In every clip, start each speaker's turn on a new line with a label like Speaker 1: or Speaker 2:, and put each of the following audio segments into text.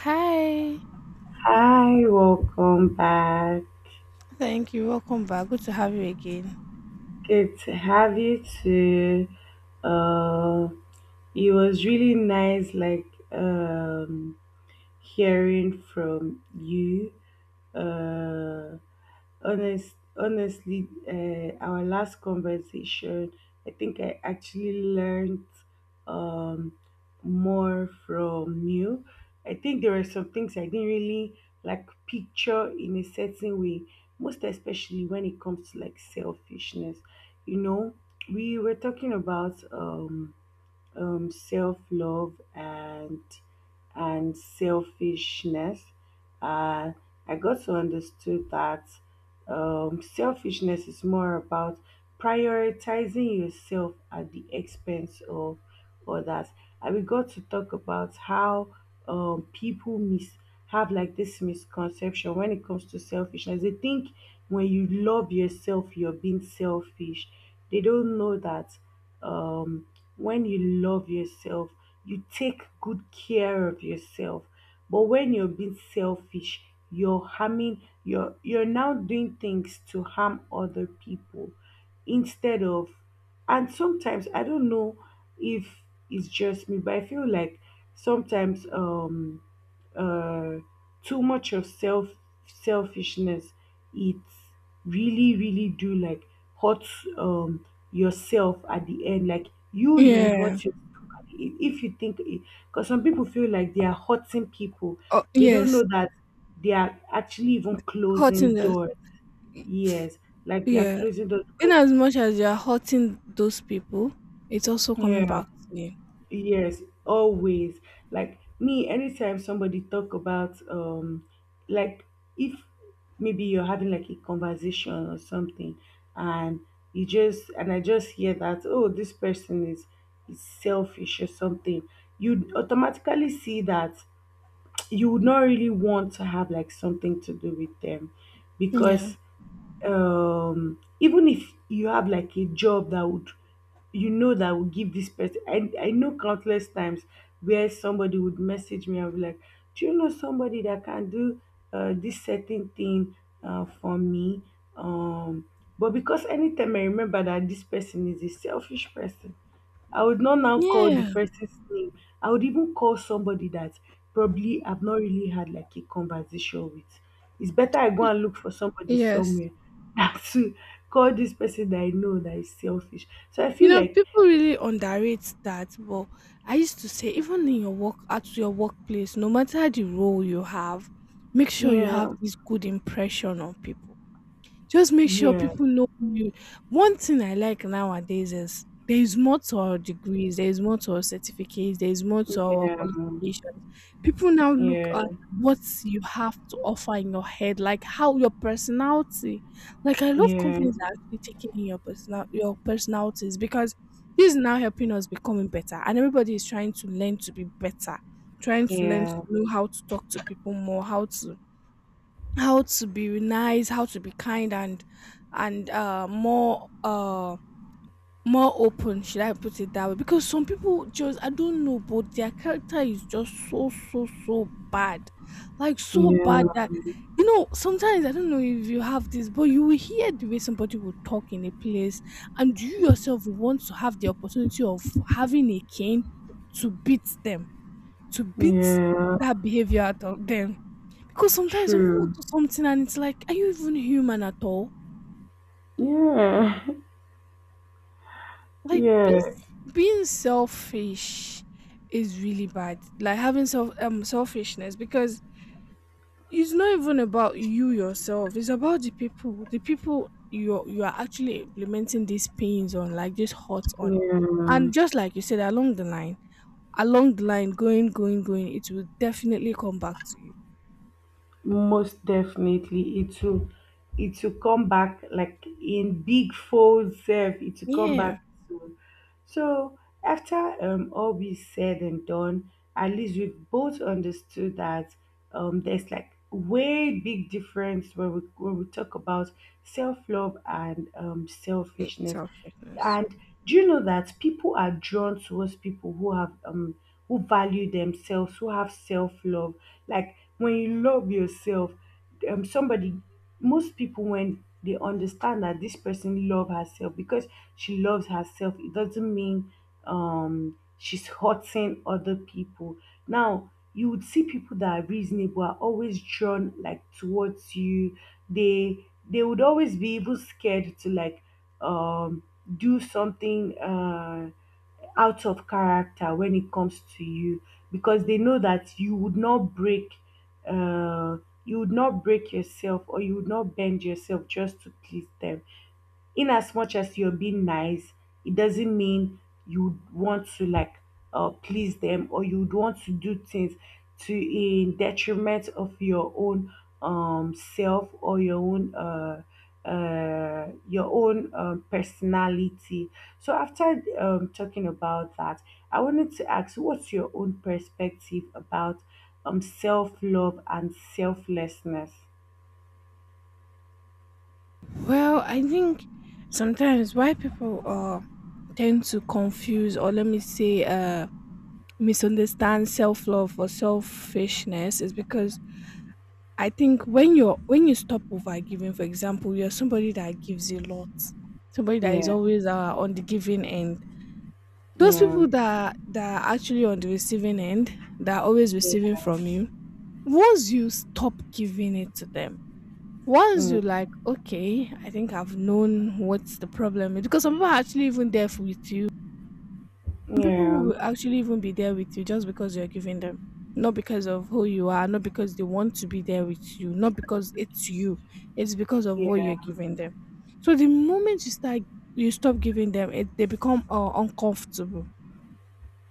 Speaker 1: Hi.
Speaker 2: Hi, welcome back.
Speaker 1: Thank you. Welcome back. Good to have you again.
Speaker 2: Good to have you too. Uh, it was really nice, like um, hearing from you. Uh, honestly, our last conversation, I think I actually learned um, more from you. I think there were some things I didn't really like picture in a certain way, most especially when it comes to like selfishness. You know, we were talking about self love and selfishness. Uh, I got to understood that selfishness is more about prioritizing yourself at the expense of others. And we got to talk about how people have like this misconception when it comes to selfishness. They think when you love yourself, you're being selfish. They don't know that um, when you love yourself, you take good care of yourself. But when you're being selfish, you're harming you're now doing things to harm other people instead of. And sometimes I don't know if it's just me, but I feel like sometimes uh too much of selfishness, it really really do like hurt um yourself at the end, like you would
Speaker 1: Yeah.
Speaker 2: hurt yourself if you think, because some people feel like they are hurting people.
Speaker 1: Oh,
Speaker 2: They don't
Speaker 1: yes.
Speaker 2: know that they are actually even closing
Speaker 1: Hurting us.
Speaker 2: doors. Yes, like they are
Speaker 1: Yeah.
Speaker 2: closing doors
Speaker 1: In
Speaker 2: because
Speaker 1: as much as you're hurting those people, it's also coming
Speaker 2: yeah,
Speaker 1: back to you.
Speaker 2: yes, always. Like, me, anytime somebody talk about like, if maybe you're having like a conversation or something, and and I just hear that, oh, this person is selfish or something, you automatically see that you would not really want to have like something to do with them
Speaker 1: Yeah.
Speaker 2: because even if you have like a job that would, you know, that would give this person. I know countless times where somebody would message me and be like, do you know somebody that can do this certain thing for me um but because anytime I remember that this person is a selfish person, I would not now call the
Speaker 1: Yeah.
Speaker 2: person's name. I would even call somebody that probably I've not really had like a conversation with. It's better I go
Speaker 1: Y-
Speaker 2: and look for somebody
Speaker 1: Yes.
Speaker 2: somewhere than to call this person that I know that is selfish. So I
Speaker 1: You
Speaker 2: feel
Speaker 1: know,
Speaker 2: like,
Speaker 1: people really underrate that. But I used to say, even in your work, at your workplace, no matter the role you have, make sure you
Speaker 2: yeah,
Speaker 1: have this good impression on people. Just make sure
Speaker 2: yeah,
Speaker 1: people know who you. One thing I like nowadays is there is more to our degrees, there is more to our certificates, there is more to our
Speaker 2: yeah,
Speaker 1: qualifications. People now look
Speaker 2: yeah,
Speaker 1: at what you have to offer in your head, like how your personality. Like I love
Speaker 2: yeah,
Speaker 1: companies that are actually taking in your personalities, because this is now helping us becoming better, and everybody is trying to learn to be better, trying to learn to
Speaker 2: yeah,
Speaker 1: know how to talk to people more, how to be nice, how to be kind and more open, should I put it that way? Because some people just I don't know, but their character is just so so so bad. Like so bad
Speaker 2: yeah,
Speaker 1: that sometimes I don't know if you have this, but you will hear the way somebody will talk in a place, and you yourself will want to have the opportunity of having a cane to beat them, to beat
Speaker 2: yeah.
Speaker 1: that behavior out of them, because sometimes some people
Speaker 2: True.
Speaker 1: do something and it's like, are you even human at all?
Speaker 2: Yeah,
Speaker 1: Like being
Speaker 2: yeah,
Speaker 1: being selfish is really bad. Like having selfishness, because it's not even about you yourself. It's about the people, you are actually implementing these pains on, like this hurt on.
Speaker 2: yeah.
Speaker 1: And just like you said, along the line, going, going, going, it will definitely come back to you.
Speaker 2: Most definitely, it will come back like in big folds. Sef, it will come back
Speaker 1: Yeah.
Speaker 2: soon. So after all be said and done, at least we both understood that there's like way big difference when we talk about self love and
Speaker 1: It's
Speaker 2: selfishness.
Speaker 1: selfishness.
Speaker 2: And do you know that people are drawn towards people who have who value themselves, who have self love. Like, when you love yourself, somebody most people, when they understand that this person love herself, because she loves herself it doesn't mean she's hurting other people. Now you would see people that are reasonable are always drawn like towards you. They they would always be even scared to like um do something out of character when it comes to you because they know that uh, you would not break yourself, or you would not bend yourself just to please them. In as much as you're being nice, it doesn't mean you want to like please them, or you'd want to do things to in detriment of your own self, or your own personality. So after talking about that, I wanted to ask, what's your own perspective about self-love and selflessness?
Speaker 1: Well, I think sometimes why people tend to confuse, or let me say misunderstand self love or selfishness, is because I think when you stop over giving. For example, you're somebody that gives a lot, somebody that is
Speaker 2: Yeah,
Speaker 1: always on the giving end. Those
Speaker 2: yeah,
Speaker 1: people that are actually on the receiving end, that are always receiving
Speaker 2: yeah,
Speaker 1: from you. Once you stop giving it to them, once you like,
Speaker 2: mm,
Speaker 1: okay, I think I've known what's the problem is, because some people are actually even there with you. Some people
Speaker 2: yeah,
Speaker 1: will actually even be there with you just because you're giving them, not because of who you are, not because they want to be there with you, not because it's you. It's because of what
Speaker 2: yeah.
Speaker 1: you're giving them. So the moment you stop giving them, it they become uncomfortable.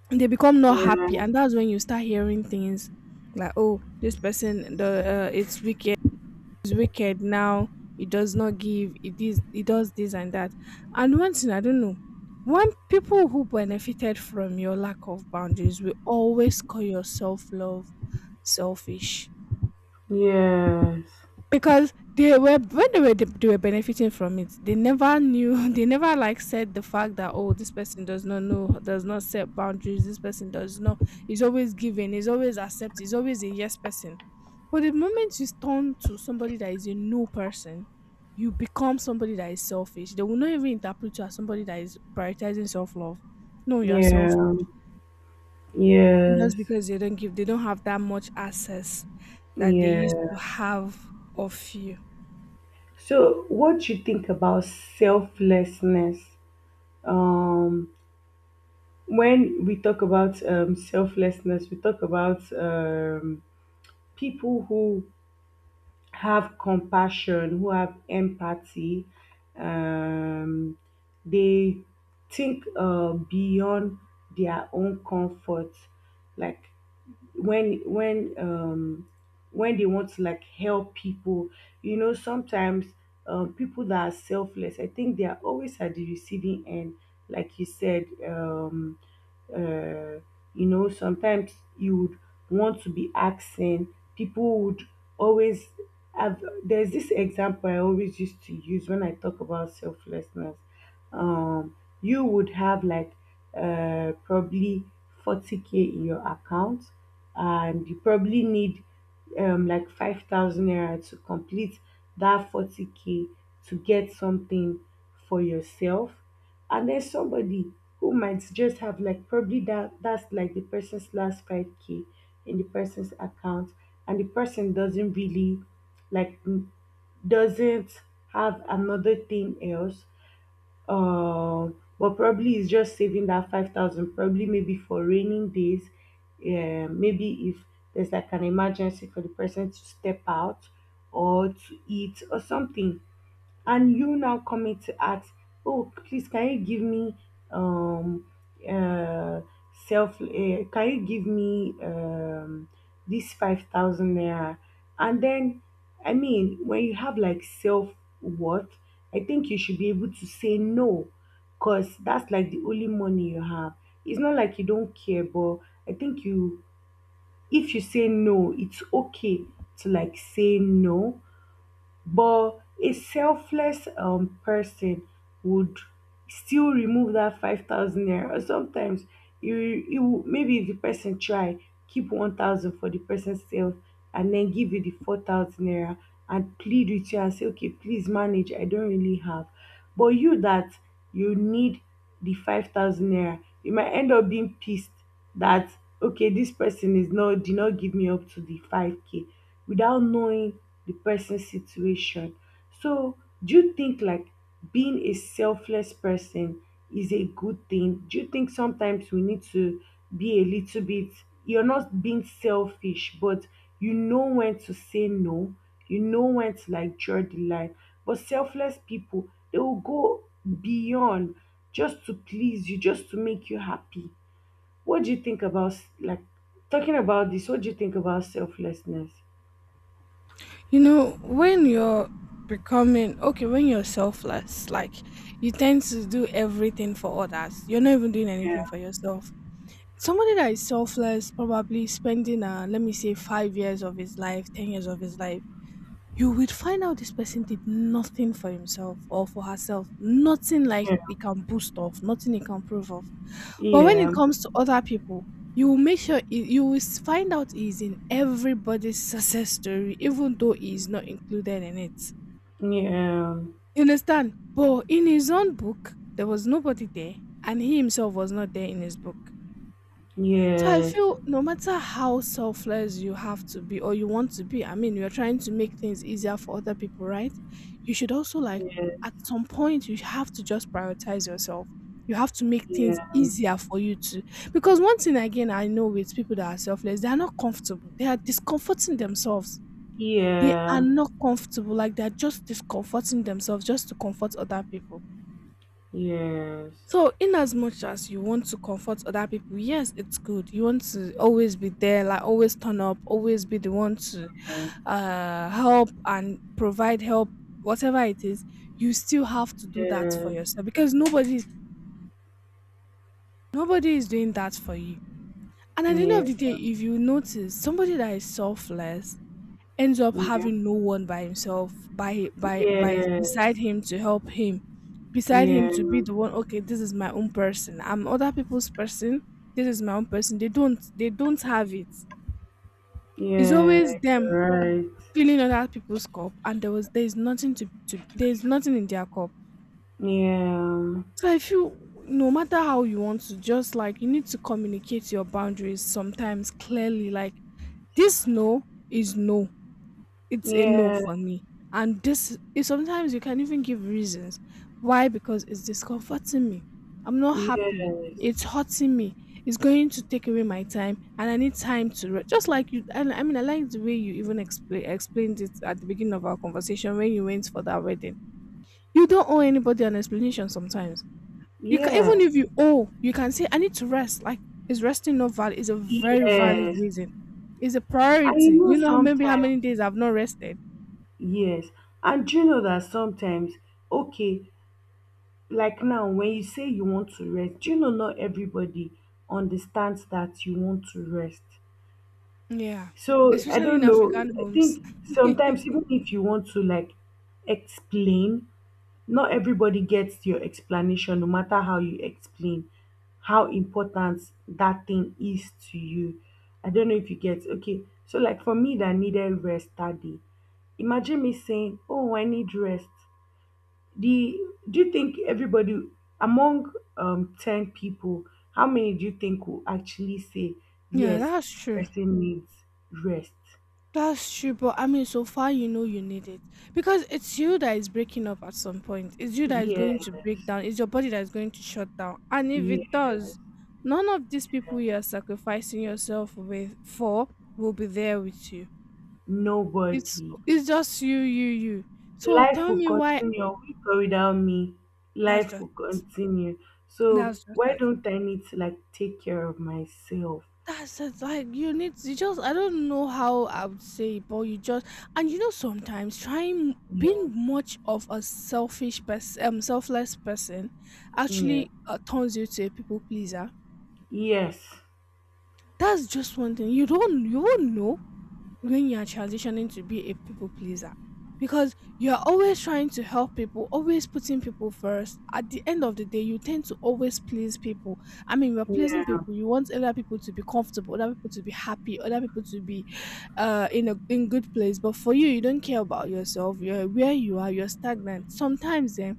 Speaker 1: They become not happy,
Speaker 2: Yeah.
Speaker 1: and that's when you start hearing things like, "Oh, this person, the it's wicked." Is wicked now. It does not give, it does this and that. And one thing I don't know, when people who benefited from your lack of boundaries will always call your self-love selfish,
Speaker 2: Yes.
Speaker 1: because they were when they were benefiting from it, they never knew they never like said the fact that, oh, this person does not know, does not set boundaries, this person does not. He's always giving, he's always accept, he's always a yes person. But the moment you turn to somebody that is a no person, you become somebody that is selfish. They will not even interpret you as somebody that is prioritizing self-love. No, you're selfish,
Speaker 2: Yeah. Yes.
Speaker 1: just because they don't have that much access that they used
Speaker 2: Yeah.
Speaker 1: to have of you.
Speaker 2: So, what do you think about selflessness? Um, when we talk about selflessness, we talk about people who have compassion, who have empathy. Um, they think beyond their own comfort. Like, when when um when they want to like help people, you know, sometimes people that are selfless, I think they are always at the receiving end, like you said. Uh, you know, sometimes you would want to be asking, people would always have, there's this example I always used to use when I talk about selflessness um you would have like probably 40k in your account, and you probably need like 5,000 naira to complete that 40k to get something for yourself. And then somebody who might just have like probably that's like the person's last 5k in the person's account, and the person doesn't really like m- doesn't have another thing else. But probably is just saving that 5,000 probably, maybe for raining days, yeah, maybe if there's like an emergency for the person to step out or to eat or something. And you now coming to ask, oh, please, can you give me, um, uh, self, uh, can you give me this 5,000 naira? And then, I mean, when you have like self worth, I think you should be able to say no, because that's like the only money you have. It's not like you don't care, but I think you, if you say no, it's okay to like say no. But a selfless person would still remove that 5,000 naira. Or sometimes you, you maybe if the person try, keep 1,000 for the person's self, and then give you the 4,000 naira and plead with you and say, okay, please manage. I don't really have. But you that you need the 5,000 naira, you might end up being pissed that, okay, this person is not did not give me up to the 5k without knowing the person's situation. So do you think like being a selfless person is a good thing? Do you think sometimes we need to be a little bit, you're not being selfish, but you know when to say no, you know when to like draw the line? But selfless people, they will go beyond just to please you, just to make you happy. What do you think about like talking about this? What do you think about selflessness?
Speaker 1: You know, when when you're selfless, like you tend to do everything for others. You're not even doing
Speaker 2: Yeah,
Speaker 1: anything for yourself. Somebody that is selfless, probably spending let me say 5 years of his life, 10 years of his life, you will find out this person did nothing for himself or for herself, nothing like
Speaker 2: yeah,
Speaker 1: he can boast of, nothing he can prove of. But when it
Speaker 2: yeah,
Speaker 1: comes to other people, you will make sure you will find out he's in everybody's success story, even though he is not included in it.
Speaker 2: yeah,
Speaker 1: You understand? But in his own book, there was nobody there, and he himself was not there in his book. So I
Speaker 2: yes,
Speaker 1: feel no matter how selfless you have to be or you want to be, I mean, you're trying to make things easier for other people, right? You should also like
Speaker 2: yes,
Speaker 1: at some point you have to just prioritize yourself. You have to make things
Speaker 2: yeah,
Speaker 1: easier for you, to because one thing again I know with people that are selfless, they are not comfortable. They are discomforting themselves. They are
Speaker 2: yeah,
Speaker 1: not comfortable, like they're just discomforting themselves just to comfort other people.
Speaker 2: yes, yeah, yes, yeah,
Speaker 1: So, in as much as you want to comfort other people, yes, it's good. You want to always be there, like always turn up, always be the one to help and provide help, whatever it is. You still have to do that
Speaker 2: yeah,
Speaker 1: for yourself, because nobody is doing that for you. And at the end of the day, if you notice somebody that is selfless, ends up having no one by himself, by beside him to help him,
Speaker 2: yes,
Speaker 1: beside him to be the
Speaker 2: yeah,
Speaker 1: one. Okay, this is my own person, I'm other people's person. This is my own person, they don't have it. It's always
Speaker 2: yeah, you're
Speaker 1: them
Speaker 2: right.
Speaker 1: filling other people's cup, and there's nothing to, to there's nothing in their cup.
Speaker 2: Yeah,
Speaker 1: So I feel, no matter how you want to, just like, you need to communicate your boundaries sometimes clearly, like this no is no. It's a no
Speaker 2: yeah,
Speaker 1: for me. And this is sometimes you can even give reasons. Why? Because it's discomforting me. I'm not happy.
Speaker 2: yes,
Speaker 1: It's hurting me. It's going to take away my time, and I need time to just like you. And I mean, I like the way you even explained it at the beginning of our conversation when you went for that wedding. You don't owe anybody an explanation sometimes. You can,
Speaker 2: yeah,
Speaker 1: even if you owe, you can say I need to rest. Like, is resting not valid? Is a very valid
Speaker 2: yes.
Speaker 1: reason. It's a
Speaker 2: I
Speaker 1: priority.
Speaker 2: know
Speaker 1: You know maybe how many
Speaker 2: sometimes.
Speaker 1: days I've not rested.
Speaker 2: Yes, and do you know that sometimes, okay, like now, when you say you want to rest, do you know not everybody understands that you want to rest?
Speaker 1: Yeah,
Speaker 2: So I
Speaker 1: especially in
Speaker 2: don't know.
Speaker 1: African
Speaker 2: I
Speaker 1: homes.
Speaker 2: think sometimes even if you want to like explain, not everybody gets your explanation, no matter how you explain how important that thing is to you. I don't know if you get, okay. So like for me that needed rest that day, imagine me saying, oh, I need rest. The Do you think everybody among 10 people, how many do you think will actually say
Speaker 1: Yeah,
Speaker 2: yes,
Speaker 1: that's
Speaker 2: this
Speaker 1: true.
Speaker 2: person needs rest?
Speaker 1: That's true, but I mean, so far you know you need it, because it's you that is breaking up at some point. It's you that is going
Speaker 2: Yes,
Speaker 1: to break down. It's your body that is going to shut down. And if it
Speaker 2: yes,
Speaker 1: does, none of these
Speaker 2: yes.
Speaker 1: people you are sacrificing yourself with for will be there with you. It's
Speaker 2: Nobody.
Speaker 1: it's just you, you, you. So
Speaker 2: Life
Speaker 1: tell
Speaker 2: will
Speaker 1: me why.
Speaker 2: continue with or without me.
Speaker 1: That's
Speaker 2: Life
Speaker 1: just
Speaker 2: will
Speaker 1: it.
Speaker 2: continue. So
Speaker 1: That's just
Speaker 2: why
Speaker 1: it.
Speaker 2: don't I need to like take care of myself?
Speaker 1: That's it. Like you need to you just, I don't know how I would say it, but you just. And you know, sometimes trying
Speaker 2: Yeah,
Speaker 1: being much of a selfish person selfless person
Speaker 2: yeah,
Speaker 1: actually turns you to a people pleaser.
Speaker 2: yes,
Speaker 1: That's just one thing. You won't know when you are transitioning to be a people pleaser, because you're always trying to help people, always putting people first. At the end of the day, you tend to always please people. I mean, you're pleasing
Speaker 2: yeah,
Speaker 1: people. You want other people to be comfortable, other people to be happy, other people to be in a in good place, but for you, you don't care about yourself. You're where you are. You're stagnant sometimes. Then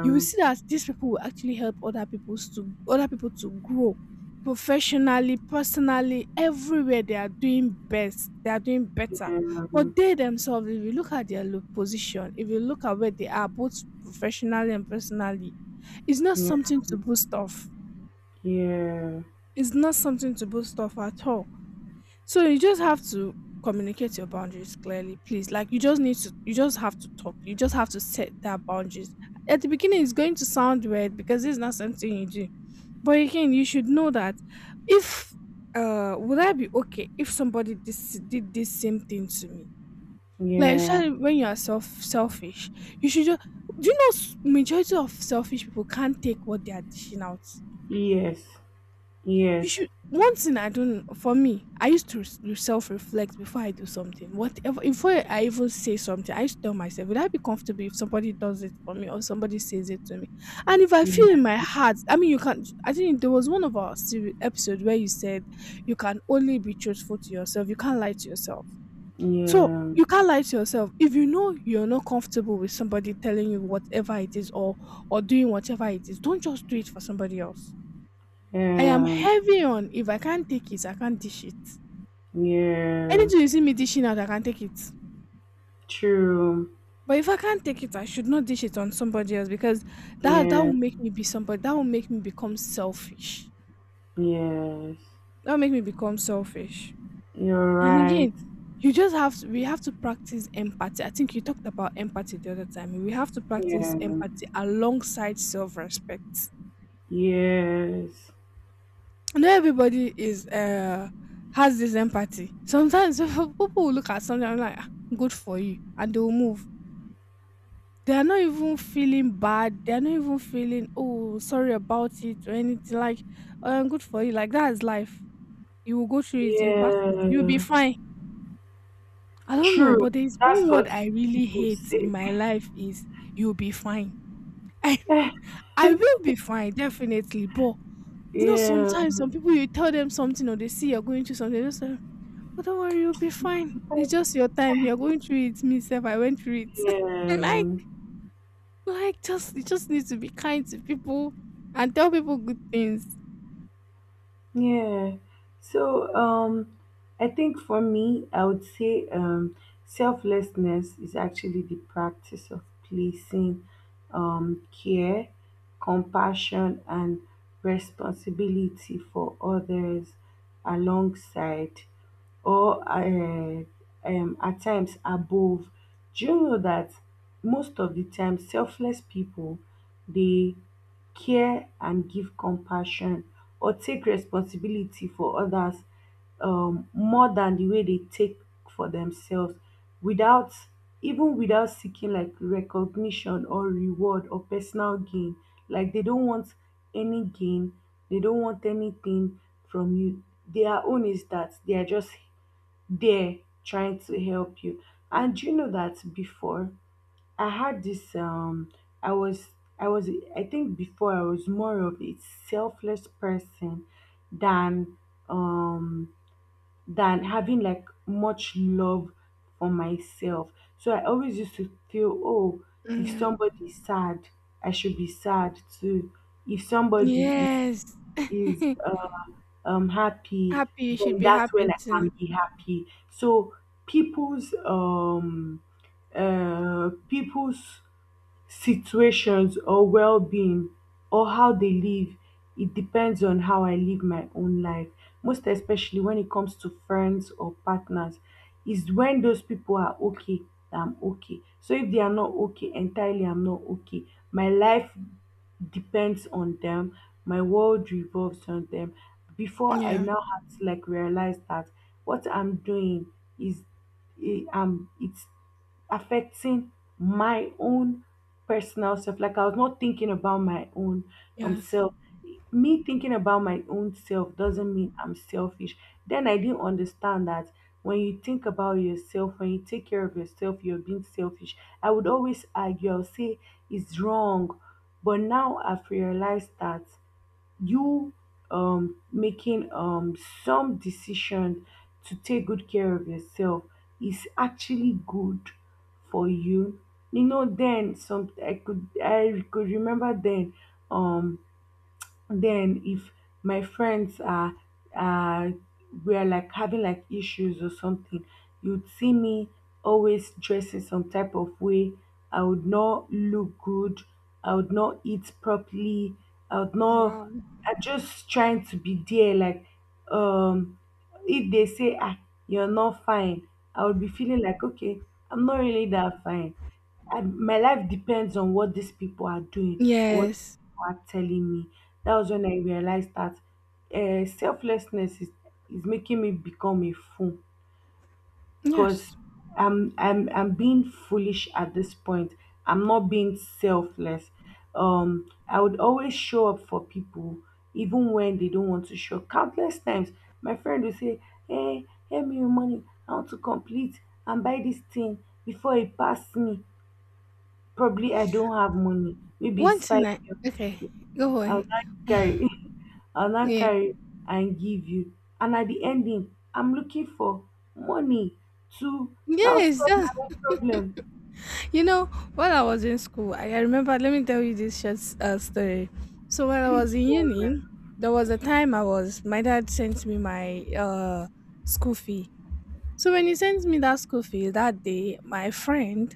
Speaker 1: you will see that these people will actually help other people to grow, professionally, personally. Everywhere they are, doing best, they are doing better.
Speaker 2: yeah,
Speaker 1: But they themselves, if you look at their position, if you look at where they are, both professionally and personally, it's not
Speaker 2: yeah,
Speaker 1: something to boast off.
Speaker 2: yeah.
Speaker 1: It's not something to boast off at all. So you just have to communicate your boundaries clearly, please. Like, you just have to talk. You just have to set that boundaries. At the beginning it's going to sound weird, because it's not something you do. But again, you should know that, if would I be okay if somebody this did this same thing to me? Like,
Speaker 2: Yeah.
Speaker 1: especially when you are selfish, you should just. Do you know majority of selfish people can't take what they are dishing out.
Speaker 2: Yes.
Speaker 1: You
Speaker 2: Yes.
Speaker 1: should. One thing, I don't for me, I used to self reflect before I do something. Whatever, before I even say something, I used to tell myself, would I be comfortable if somebody does it for me or somebody says it to me? And if I feel
Speaker 2: Yeah.
Speaker 1: in my heart, I mean, you can't. I think there was one of our series, episode where you said you can only be truthful to yourself. You can't lie to yourself. So
Speaker 2: Yeah.
Speaker 1: you can't lie to yourself if you know you're not comfortable with somebody telling you whatever it is or doing whatever it is. Don't just do it for somebody else. I am
Speaker 2: Yeah.
Speaker 1: heavy on, if I can't take it, I can't dish it.
Speaker 2: Yeah.
Speaker 1: Anything you see me dishing out, I can not take it.
Speaker 2: True.
Speaker 1: But if I can't take it, I should not dish it on somebody else, because that
Speaker 2: Yeah.
Speaker 1: will make me be somebody. That will make me become selfish.
Speaker 2: Yes.
Speaker 1: That will make me become selfish.
Speaker 2: You're
Speaker 1: And
Speaker 2: right.
Speaker 1: again, you just have to. We have to practice empathy. I think you talked about empathy the other time. We have to practice
Speaker 2: Yeah.
Speaker 1: empathy alongside self-respect.
Speaker 2: Yes.
Speaker 1: Not everybody is has this empathy. Sometimes people will look at something and like, "Ah, good for you," and they will move. They are not even feeling bad. They are not even feeling oh sorry about it or anything, like good for you. Like that is life. You will go through it, you will pass it, you'll be
Speaker 2: Yeah.
Speaker 1: fine. I don't know,
Speaker 2: True.
Speaker 1: but there is
Speaker 2: That's
Speaker 1: one word
Speaker 2: what
Speaker 1: I really
Speaker 2: people
Speaker 1: hate
Speaker 2: say.
Speaker 1: in my life is you'll be fine. I I will be fine, definitely. But you know,
Speaker 2: Yeah.
Speaker 1: sometimes some people, you tell them something or they see you're going through something, they just say, but don't worry, you'll be fine. It's just your time. You're going through it. Me, self, I went through it. like,
Speaker 2: Yeah.
Speaker 1: like, just you just need to be kind to people and tell people good things.
Speaker 2: Yeah. So I think for me I would say selflessness is actually the practice of placing care, compassion and responsibility for others alongside, or at times above. Do you know that most of the time selfless people, they care and give compassion or take responsibility for others more than the way they take for themselves, without without seeking like recognition or reward or personal gain. Like, they don't want any gain, they don't want anything from you. Their own is that they are just there trying to help you. And do you know that before I had this, I was I was I think before I was more of a selfless person than um having like much love for myself. So I always used to feel, oh, if
Speaker 1: Yeah.
Speaker 2: somebody is sad, I should be sad too. If somebody is
Speaker 1: Yes.
Speaker 2: is uh, um happy,
Speaker 1: Happy, you should
Speaker 2: then
Speaker 1: be
Speaker 2: that's when
Speaker 1: happy
Speaker 2: I
Speaker 1: too.
Speaker 2: can be happy. So people's um people's situations or well-being or how they live, it depends on how I live my own life, most especially when it comes to friends or partners, is when those people are okay that I'm okay. So if they are not okay entirely, I'm not okay. My life depends on them, my world revolves on them. Before I
Speaker 1: Yeah.
Speaker 2: now have to like realize that what I'm doing is, it's affecting my own personal self. Like, I was not thinking about my own
Speaker 1: Yes.
Speaker 2: self. Me thinking about my own self doesn't mean I'm selfish. Then I didn't understand that when you think about yourself, when you take care of yourself, you're being selfish. I would always argue, I'll say it's wrong. But now I've realized that you making some decision to take good care of yourself is actually good for you. You know, then some, I could remember then, um then if my friends are uh were like having like issues or something, you'd see me always dressing some type of way. I would not look good, I would not eat properly, I would not
Speaker 1: Wow.
Speaker 2: I'm just trying to be there like um if they say, ah, you're not fine, I would be feeling like, okay, I'm not really that fine. And my life depends on what these people are doing or what these
Speaker 1: Yes.
Speaker 2: people are telling me. That was when I realized that selflessness is making me become a fool, because
Speaker 1: Yes.
Speaker 2: I'm being foolish at this point. I'm not being selfless. I would always show up for people even when they don't want to show. Countless times, my friend will say, "Hey, give me your money. I want to complete and buy this thing before it pass me. Probably I don't have money. Maybe it's
Speaker 1: Once in
Speaker 2: five."
Speaker 1: a okay.
Speaker 2: K.
Speaker 1: Go
Speaker 2: I'll
Speaker 1: on.
Speaker 2: not carry, I'll not
Speaker 1: Yeah.
Speaker 2: carry and give you. And at the ending, I'm looking for money to now
Speaker 1: Yes.
Speaker 2: solve my
Speaker 1: That's
Speaker 2: own problem.
Speaker 1: you know, while I was in school, I remember, let me tell you this short story. So, while I
Speaker 2: Please
Speaker 1: was in
Speaker 2: go on,
Speaker 1: uni,
Speaker 2: man.
Speaker 1: there was a time I was, my dad sent me my school fee. So, when he sent me that school fee that day, my friend,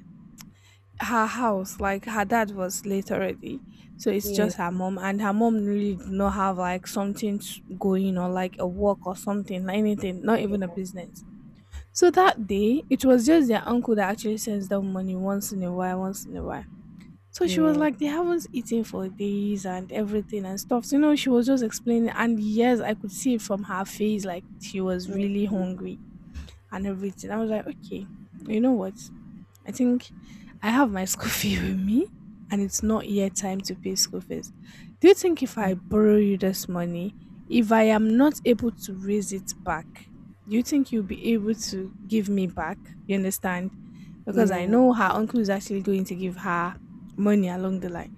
Speaker 1: her house, like her dad was late already. So, it's
Speaker 2: Yeah,
Speaker 1: just her mom, and her mom really did not have like something going or like a work or something, anything, not even a business. So, that day, it was just their uncle that actually sends them money once in a while, once in a while. So she was
Speaker 2: yeah,
Speaker 1: like, they haven't eaten for days and everything and stuff. So, you know, she was just explaining. And yes, I could see it from her face, like she was
Speaker 2: mm,
Speaker 1: really hungry and everything. I was like, okay, you know what? I think I have my school fee with me, and it's not yet time to pay school fees. Do you think if I borrow you this money, if I am not able to raise it back, do you think you'll be able to give me back? You understand? Because I
Speaker 2: yeah,
Speaker 1: know her uncle is actually going to give her money along the line.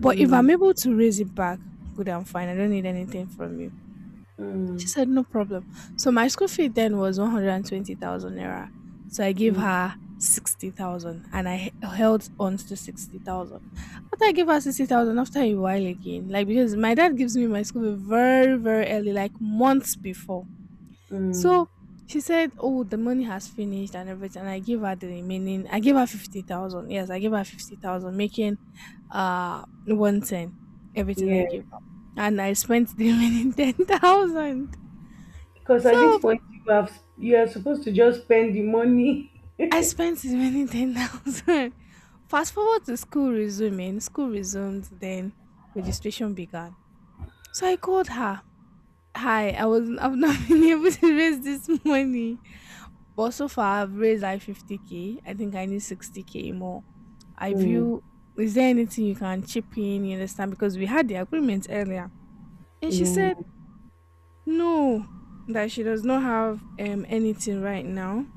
Speaker 1: But if I'm able
Speaker 2: mm,
Speaker 1: to raise it back, good and fine. I don't need anything from you. She
Speaker 2: mm,
Speaker 1: said, no problem. So my school fee then was 120,000 naira. So I gave her
Speaker 2: mm,
Speaker 1: 60,000 and I held on to 60,000. After I gave her 60,000, after a while again, like because my dad gives me my school fee very, very early, like months before.
Speaker 2: mm,
Speaker 1: So she said, oh, the money has finished and everything. And I gave her the remaining, I gave her 50,000. Yes, I gave her 50,000, making 110, everything I
Speaker 2: yeah.
Speaker 1: gave her. And I spent the remaining 10,000.
Speaker 2: Because at this
Speaker 1: So
Speaker 2: point, you are supposed to just spend the money.
Speaker 1: I spent as many 10,000. Fast forward to school resuming. School resumed, then registration began. So I called her. Hi, I've not been able to raise this money. But so far I've raised like 50 K. I think I need 60 K more. I
Speaker 2: Mm,
Speaker 1: view is there anything you can chip in, you understand? Because we had the agreement earlier. And she
Speaker 2: yeah,
Speaker 1: said no, that she does not have anything right now,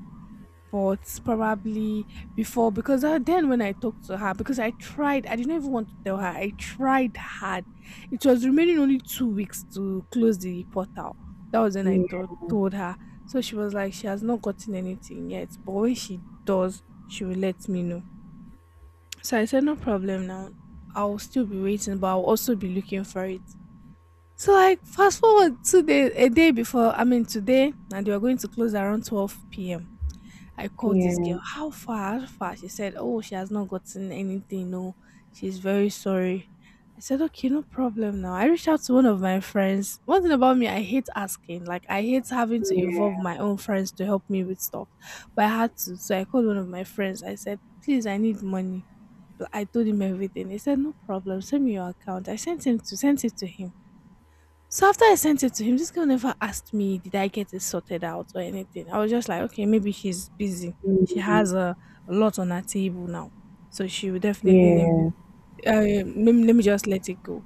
Speaker 1: but probably before, because then when I talked to her, because I tried, I didn't even want to tell her, I tried hard, it was remaining only 2 weeks to close the portal. That was when I
Speaker 2: yeah,
Speaker 1: told her. So she was like she has not gotten anything yet, but when she does she will let me know. So I said no problem now, I'll still be waiting, but I'll also be looking for it. So like fast forward 2 days, a day before I mean today, and they were going to close around 12 p.m. I called this
Speaker 2: yeah,
Speaker 1: girl. How far? How far? She said, oh, she has not gotten anything. No, she's very sorry. I said, okay, no problem now. I reached out to one of my friends. One thing about me, I hate asking. Like, I hate having to involve
Speaker 2: yeah,
Speaker 1: my own friends to help me with stuff. But I had to. So I called one of my friends. I said, please, I need money. But I told him everything. He said, no problem. Send me your account. I sent him to Sent it to him. So after I sent it to him, this girl never asked me, did I get it sorted out or anything. I was just like, okay, maybe she's busy. She has a lot on her table now. So she will definitely let me,
Speaker 2: yeah.
Speaker 1: let me just let it go.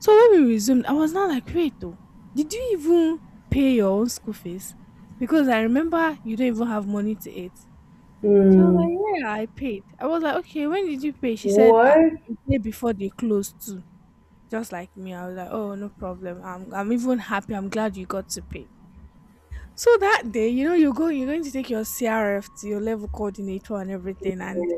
Speaker 1: So when we resumed, I was not like, wait, though, did you even pay your own school fees? Because I remember you don't even have money to eat. She was
Speaker 2: Mm,
Speaker 1: like, yeah, I paid. I was like, okay, when did you pay? She said, ah,
Speaker 2: what?
Speaker 1: the day before they closed too. Just like me, I was like, oh, no problem. I'm even happy. I'm glad you got to pay. So that day, you know, you go, you're going to take your CRF to your level coordinator and everything and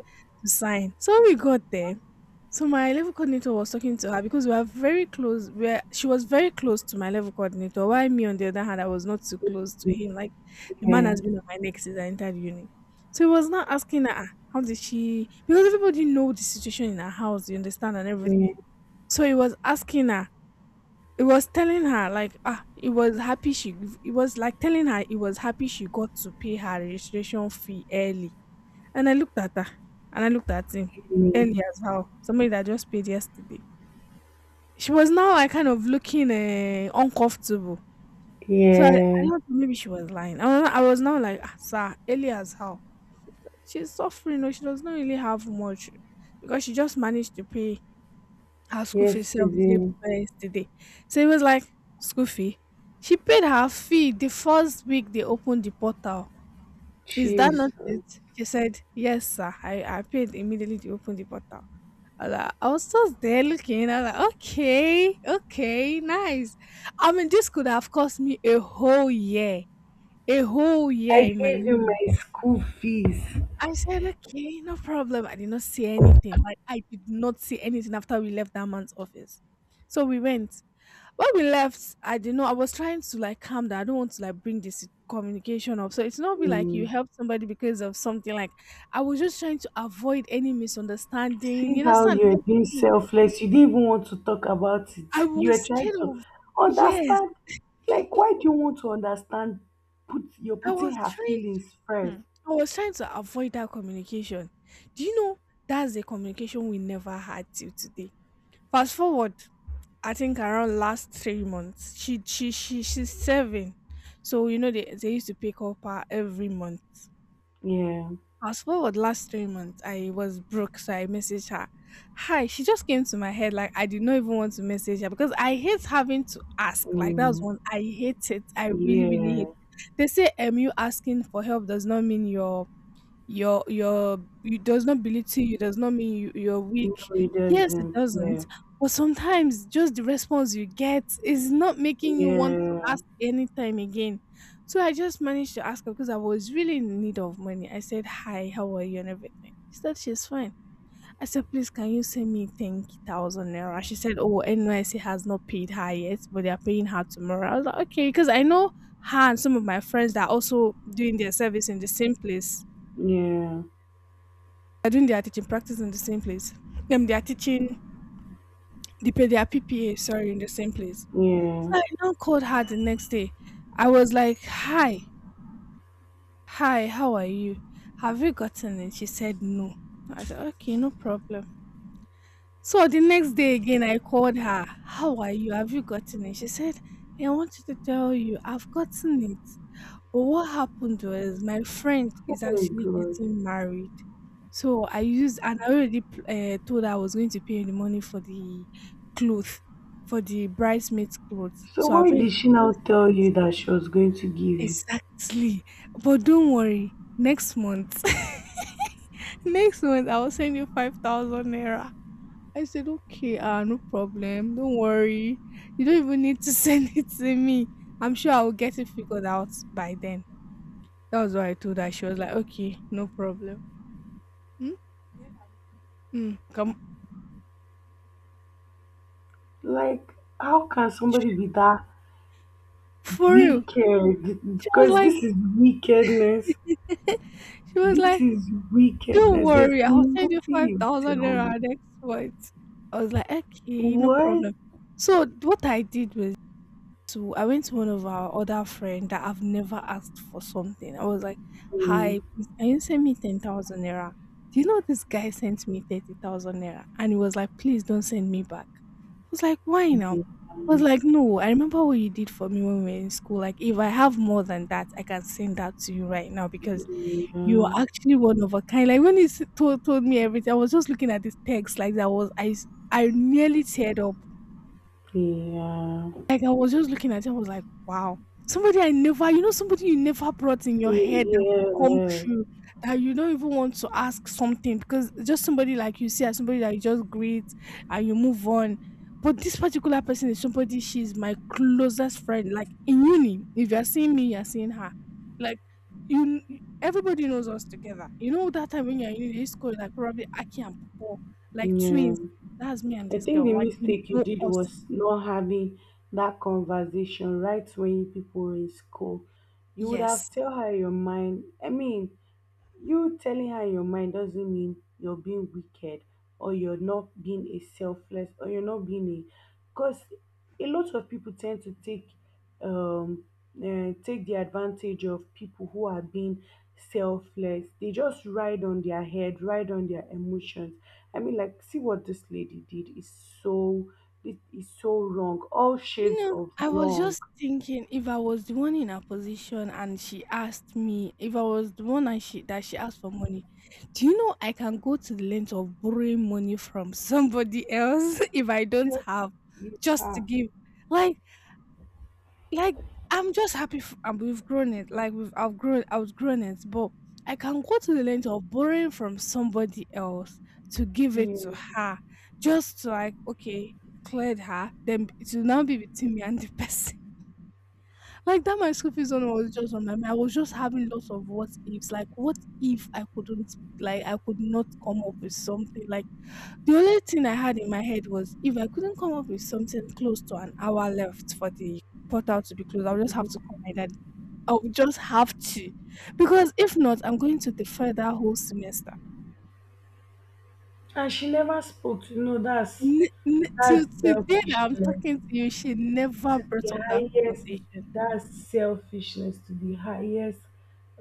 Speaker 1: to sign. So we got there. So my level coordinator was talking to her because we are very close. Where she was very close to my level coordinator. While me, on the other hand, I was not too close to him. Like the man
Speaker 2: Yeah,
Speaker 1: has been on my neck since I entered uni. So he was not asking her, "Ah, how did she, because everybody know the situation in her house, you understand, and everything. So he was asking her, it was happy she it was like telling her it was happy she got to pay her registration fee early. And I looked at her, and I looked at him.
Speaker 2: yeah,
Speaker 1: Early as how somebody that just paid yesterday? She was now like kind of looking uncomfortable. So I
Speaker 2: yeah.
Speaker 1: don't know, maybe she was lying. I was, not- I was now like, ah, sir, early as how? She's suffering, no, she does not really have much, because she just managed to pay her school fee self dey
Speaker 2: Yesterday.
Speaker 1: for yesterday. So it was like school fee. She paid her fee the first week they opened the portal. Is that
Speaker 2: Jesus.
Speaker 1: not it? She said, yes, sir. I paid immediately they opened the portal. I was just there looking. I was like, okay, okay, nice. I mean, this could have cost me a whole year
Speaker 2: I
Speaker 1: in my
Speaker 2: gave you
Speaker 1: uni.
Speaker 2: my school fees.
Speaker 1: I said, okay, no problem. I did not see anything. Like, I did not see anything after we left that man's office. So we went, when we left, I didn't know. I was trying to like calm down. I don't want to like bring this communication up. So it's not be like you
Speaker 2: Mm.
Speaker 1: help somebody because of something. Like I was just trying to avoid any misunderstanding.
Speaker 2: See
Speaker 1: You
Speaker 2: how
Speaker 1: understand
Speaker 2: you're being
Speaker 1: everything.
Speaker 2: selfless. You didn't even want to talk about it.
Speaker 1: I
Speaker 2: You
Speaker 1: was
Speaker 2: are trying
Speaker 1: scared
Speaker 2: to
Speaker 1: of. Yes,
Speaker 2: understand. Like, why do you want to understand? Put You're
Speaker 1: I
Speaker 2: putting
Speaker 1: was
Speaker 2: her
Speaker 1: trying.
Speaker 2: feelings first.
Speaker 1: Hmm. I was trying to avoid that communication. Do you know that's the communication we never had till today? Fast forward, I think around last 3 months, she's serving. So you know they used to pick up her every month.
Speaker 2: Yeah.
Speaker 1: I Fast forward last 3 months, I was broke, so I messaged her. Hi, she just came to my head, like I did not even want to message her, because I hate having to ask. Like that was
Speaker 2: Mm.
Speaker 1: one I hate it. I really, really hate it.
Speaker 2: Yeah.
Speaker 1: They say you asking for help does not mean you're your it does not belittle you, does not mean you're
Speaker 2: No,
Speaker 1: weak.
Speaker 2: it
Speaker 1: Yes, it
Speaker 2: doesn't. Yeah.
Speaker 1: doesn't. But sometimes just the response you get is not making you want
Speaker 2: Yeah.
Speaker 1: to ask anytime again. So I just managed to ask her because I was really in need of money. I said, "Hi, how are you and everything?" She said she's fine. I said, "Please can you send me 10,000 naira?" She said, oh, NYC has not paid her yet, but they are paying her tomorrow. I was like, okay, because I know her and some of my friends that are also doing their service in the same place.
Speaker 2: Yeah.
Speaker 1: They're doing their teaching practice in the same place. They are teaching the P their PPA, sorry, in the same place.
Speaker 2: Yeah.
Speaker 1: So I now called her the next day. I was like, "Hi, hi, how are you? Have you gotten it?" She said, "No." I said, "Okay, no problem." So the next day again, I called her. "How are you? Have you gotten it?" She said, "I wanted to tell you, I've gotten it. But what happened was my friend
Speaker 2: Oh
Speaker 1: is
Speaker 2: my
Speaker 1: actually
Speaker 2: god.
Speaker 1: getting married. So I used, and I already told her I was going to pay the money for the clothes, for the bridesmaid's clothes.
Speaker 2: So
Speaker 1: So I've
Speaker 2: why
Speaker 1: already
Speaker 2: did she now
Speaker 1: paid for
Speaker 2: tell
Speaker 1: it."
Speaker 2: you that she was going to give you?
Speaker 1: Exactly. "But don't worry, next month, next month I will send you 5,000 naira." I said, "Okay, ah, no problem. Don't worry. You don't even need to send it to me. I'm sure I will get it figured out by then." That was why I told her. She was like, "Okay, no problem." Hmm? Mm, come
Speaker 2: Like, how can somebody be that
Speaker 1: for real.
Speaker 2: wicked?
Speaker 1: She was
Speaker 2: Because this
Speaker 1: like,
Speaker 2: is wickedness.
Speaker 1: she was
Speaker 2: This
Speaker 1: like,
Speaker 2: is
Speaker 1: "Don't
Speaker 2: wickedness. There's
Speaker 1: worry, I'll send
Speaker 2: nothing
Speaker 1: you five
Speaker 2: you
Speaker 1: thousand
Speaker 2: tell
Speaker 1: naira
Speaker 2: me.
Speaker 1: next month." I was like, "Okay, no
Speaker 2: What?
Speaker 1: problem." So what I did was to I went to one of our other friend that I've never asked for something. I was like,
Speaker 2: Mm,
Speaker 1: "Hi, please, can you send me 10,000 naira?" Do you know this guy sent me 30,000 naira, and he was like, "Please don't send me back." I was like, "Why now?" I was like, "No, I remember what you did for me when we were in school. Like, if I have more than that, I can send that to you right now, because you are actually one of a kind." Like when he told me everything, I was just looking at this text like that was I nearly teared up.
Speaker 2: yeah,
Speaker 1: Like, I was just looking at him, I was like, "Wow, somebody I never somebody you never brought in your
Speaker 2: yeah,
Speaker 1: head that could come
Speaker 2: yeah,
Speaker 1: true. That you don't even want to ask something because just somebody like you see as somebody that you just greet and you move on. But this particular person is somebody, she's my closest friend, like in uni, if you're seeing me, you're seeing her. Like, you, everybody knows us together. You know that time when you're in uni, they used to call it, like, probably Aki and Popo, like
Speaker 2: yeah.
Speaker 1: twins. That's me and
Speaker 2: I
Speaker 1: this
Speaker 2: think
Speaker 1: girl,
Speaker 2: the
Speaker 1: like, we
Speaker 2: mistake you
Speaker 1: know
Speaker 2: did
Speaker 1: us."
Speaker 2: was not having that conversation right when you people were in school. You would have
Speaker 1: Yes.
Speaker 2: tell her your mind. I mean, you telling her your mind doesn't mean you're being wicked, or you're not being a selfless, or you're not being a, because a lot of people tend to take um take the advantage of people who are being selfless. They just ride on their head, ride on their emotions. I mean, like, see what this lady did is so, it is so wrong. All
Speaker 1: You
Speaker 2: shades
Speaker 1: know,
Speaker 2: of
Speaker 1: I was
Speaker 2: wrong.
Speaker 1: just thinking if I was the one in her position and she asked me, if I was the one and she that she asked for money, do you know I can go to the length of borrowing money from somebody else if I don't
Speaker 2: Just
Speaker 1: have,
Speaker 2: hit
Speaker 1: just to
Speaker 2: her.
Speaker 1: give? Like, like, I'm just happy and we've grown it. Like we've I've grown outgrown it, but I can go to the length of borrowing from somebody else to give it to
Speaker 2: Yeah.
Speaker 1: her, just to like, okay, cleared her, then it will now be between me and the person. Like that my school fees one was just on my mind. I was just having lots of what ifs. Like what if I couldn't, like I could not come up with something. Like the only thing I had in my head was if I couldn't come up with something close to an hour left for the portal to be closed, I'll just have to call my dad. I'll just have to. Because if not, I'm going to defer that whole semester.
Speaker 2: And she never spoke to, no, that's.
Speaker 1: Till
Speaker 2: That's
Speaker 1: today that
Speaker 2: selfishness
Speaker 1: I'm
Speaker 2: to
Speaker 1: talking to you, she never
Speaker 2: the
Speaker 1: brought up that
Speaker 2: highest.
Speaker 1: conversation.
Speaker 2: That's selfishness to the highest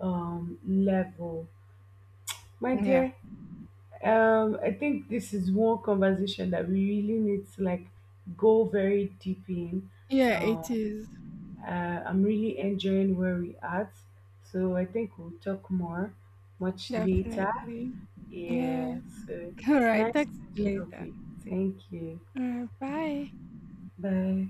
Speaker 2: level. My
Speaker 1: Yeah.
Speaker 2: dear, I think this is one conversation that we really need to like go very deep in.
Speaker 1: Yeah, it
Speaker 2: Um,
Speaker 1: is.
Speaker 2: uh, I'm really enjoying where we at, so I think we'll talk more much later.
Speaker 1: Definitely.
Speaker 2: Yeah.
Speaker 1: Yeah.
Speaker 2: So
Speaker 1: All right.
Speaker 2: nice
Speaker 1: Talk to you
Speaker 2: catching up with
Speaker 1: later.
Speaker 2: you. Thank you.
Speaker 1: All right. Bye.
Speaker 2: Bye.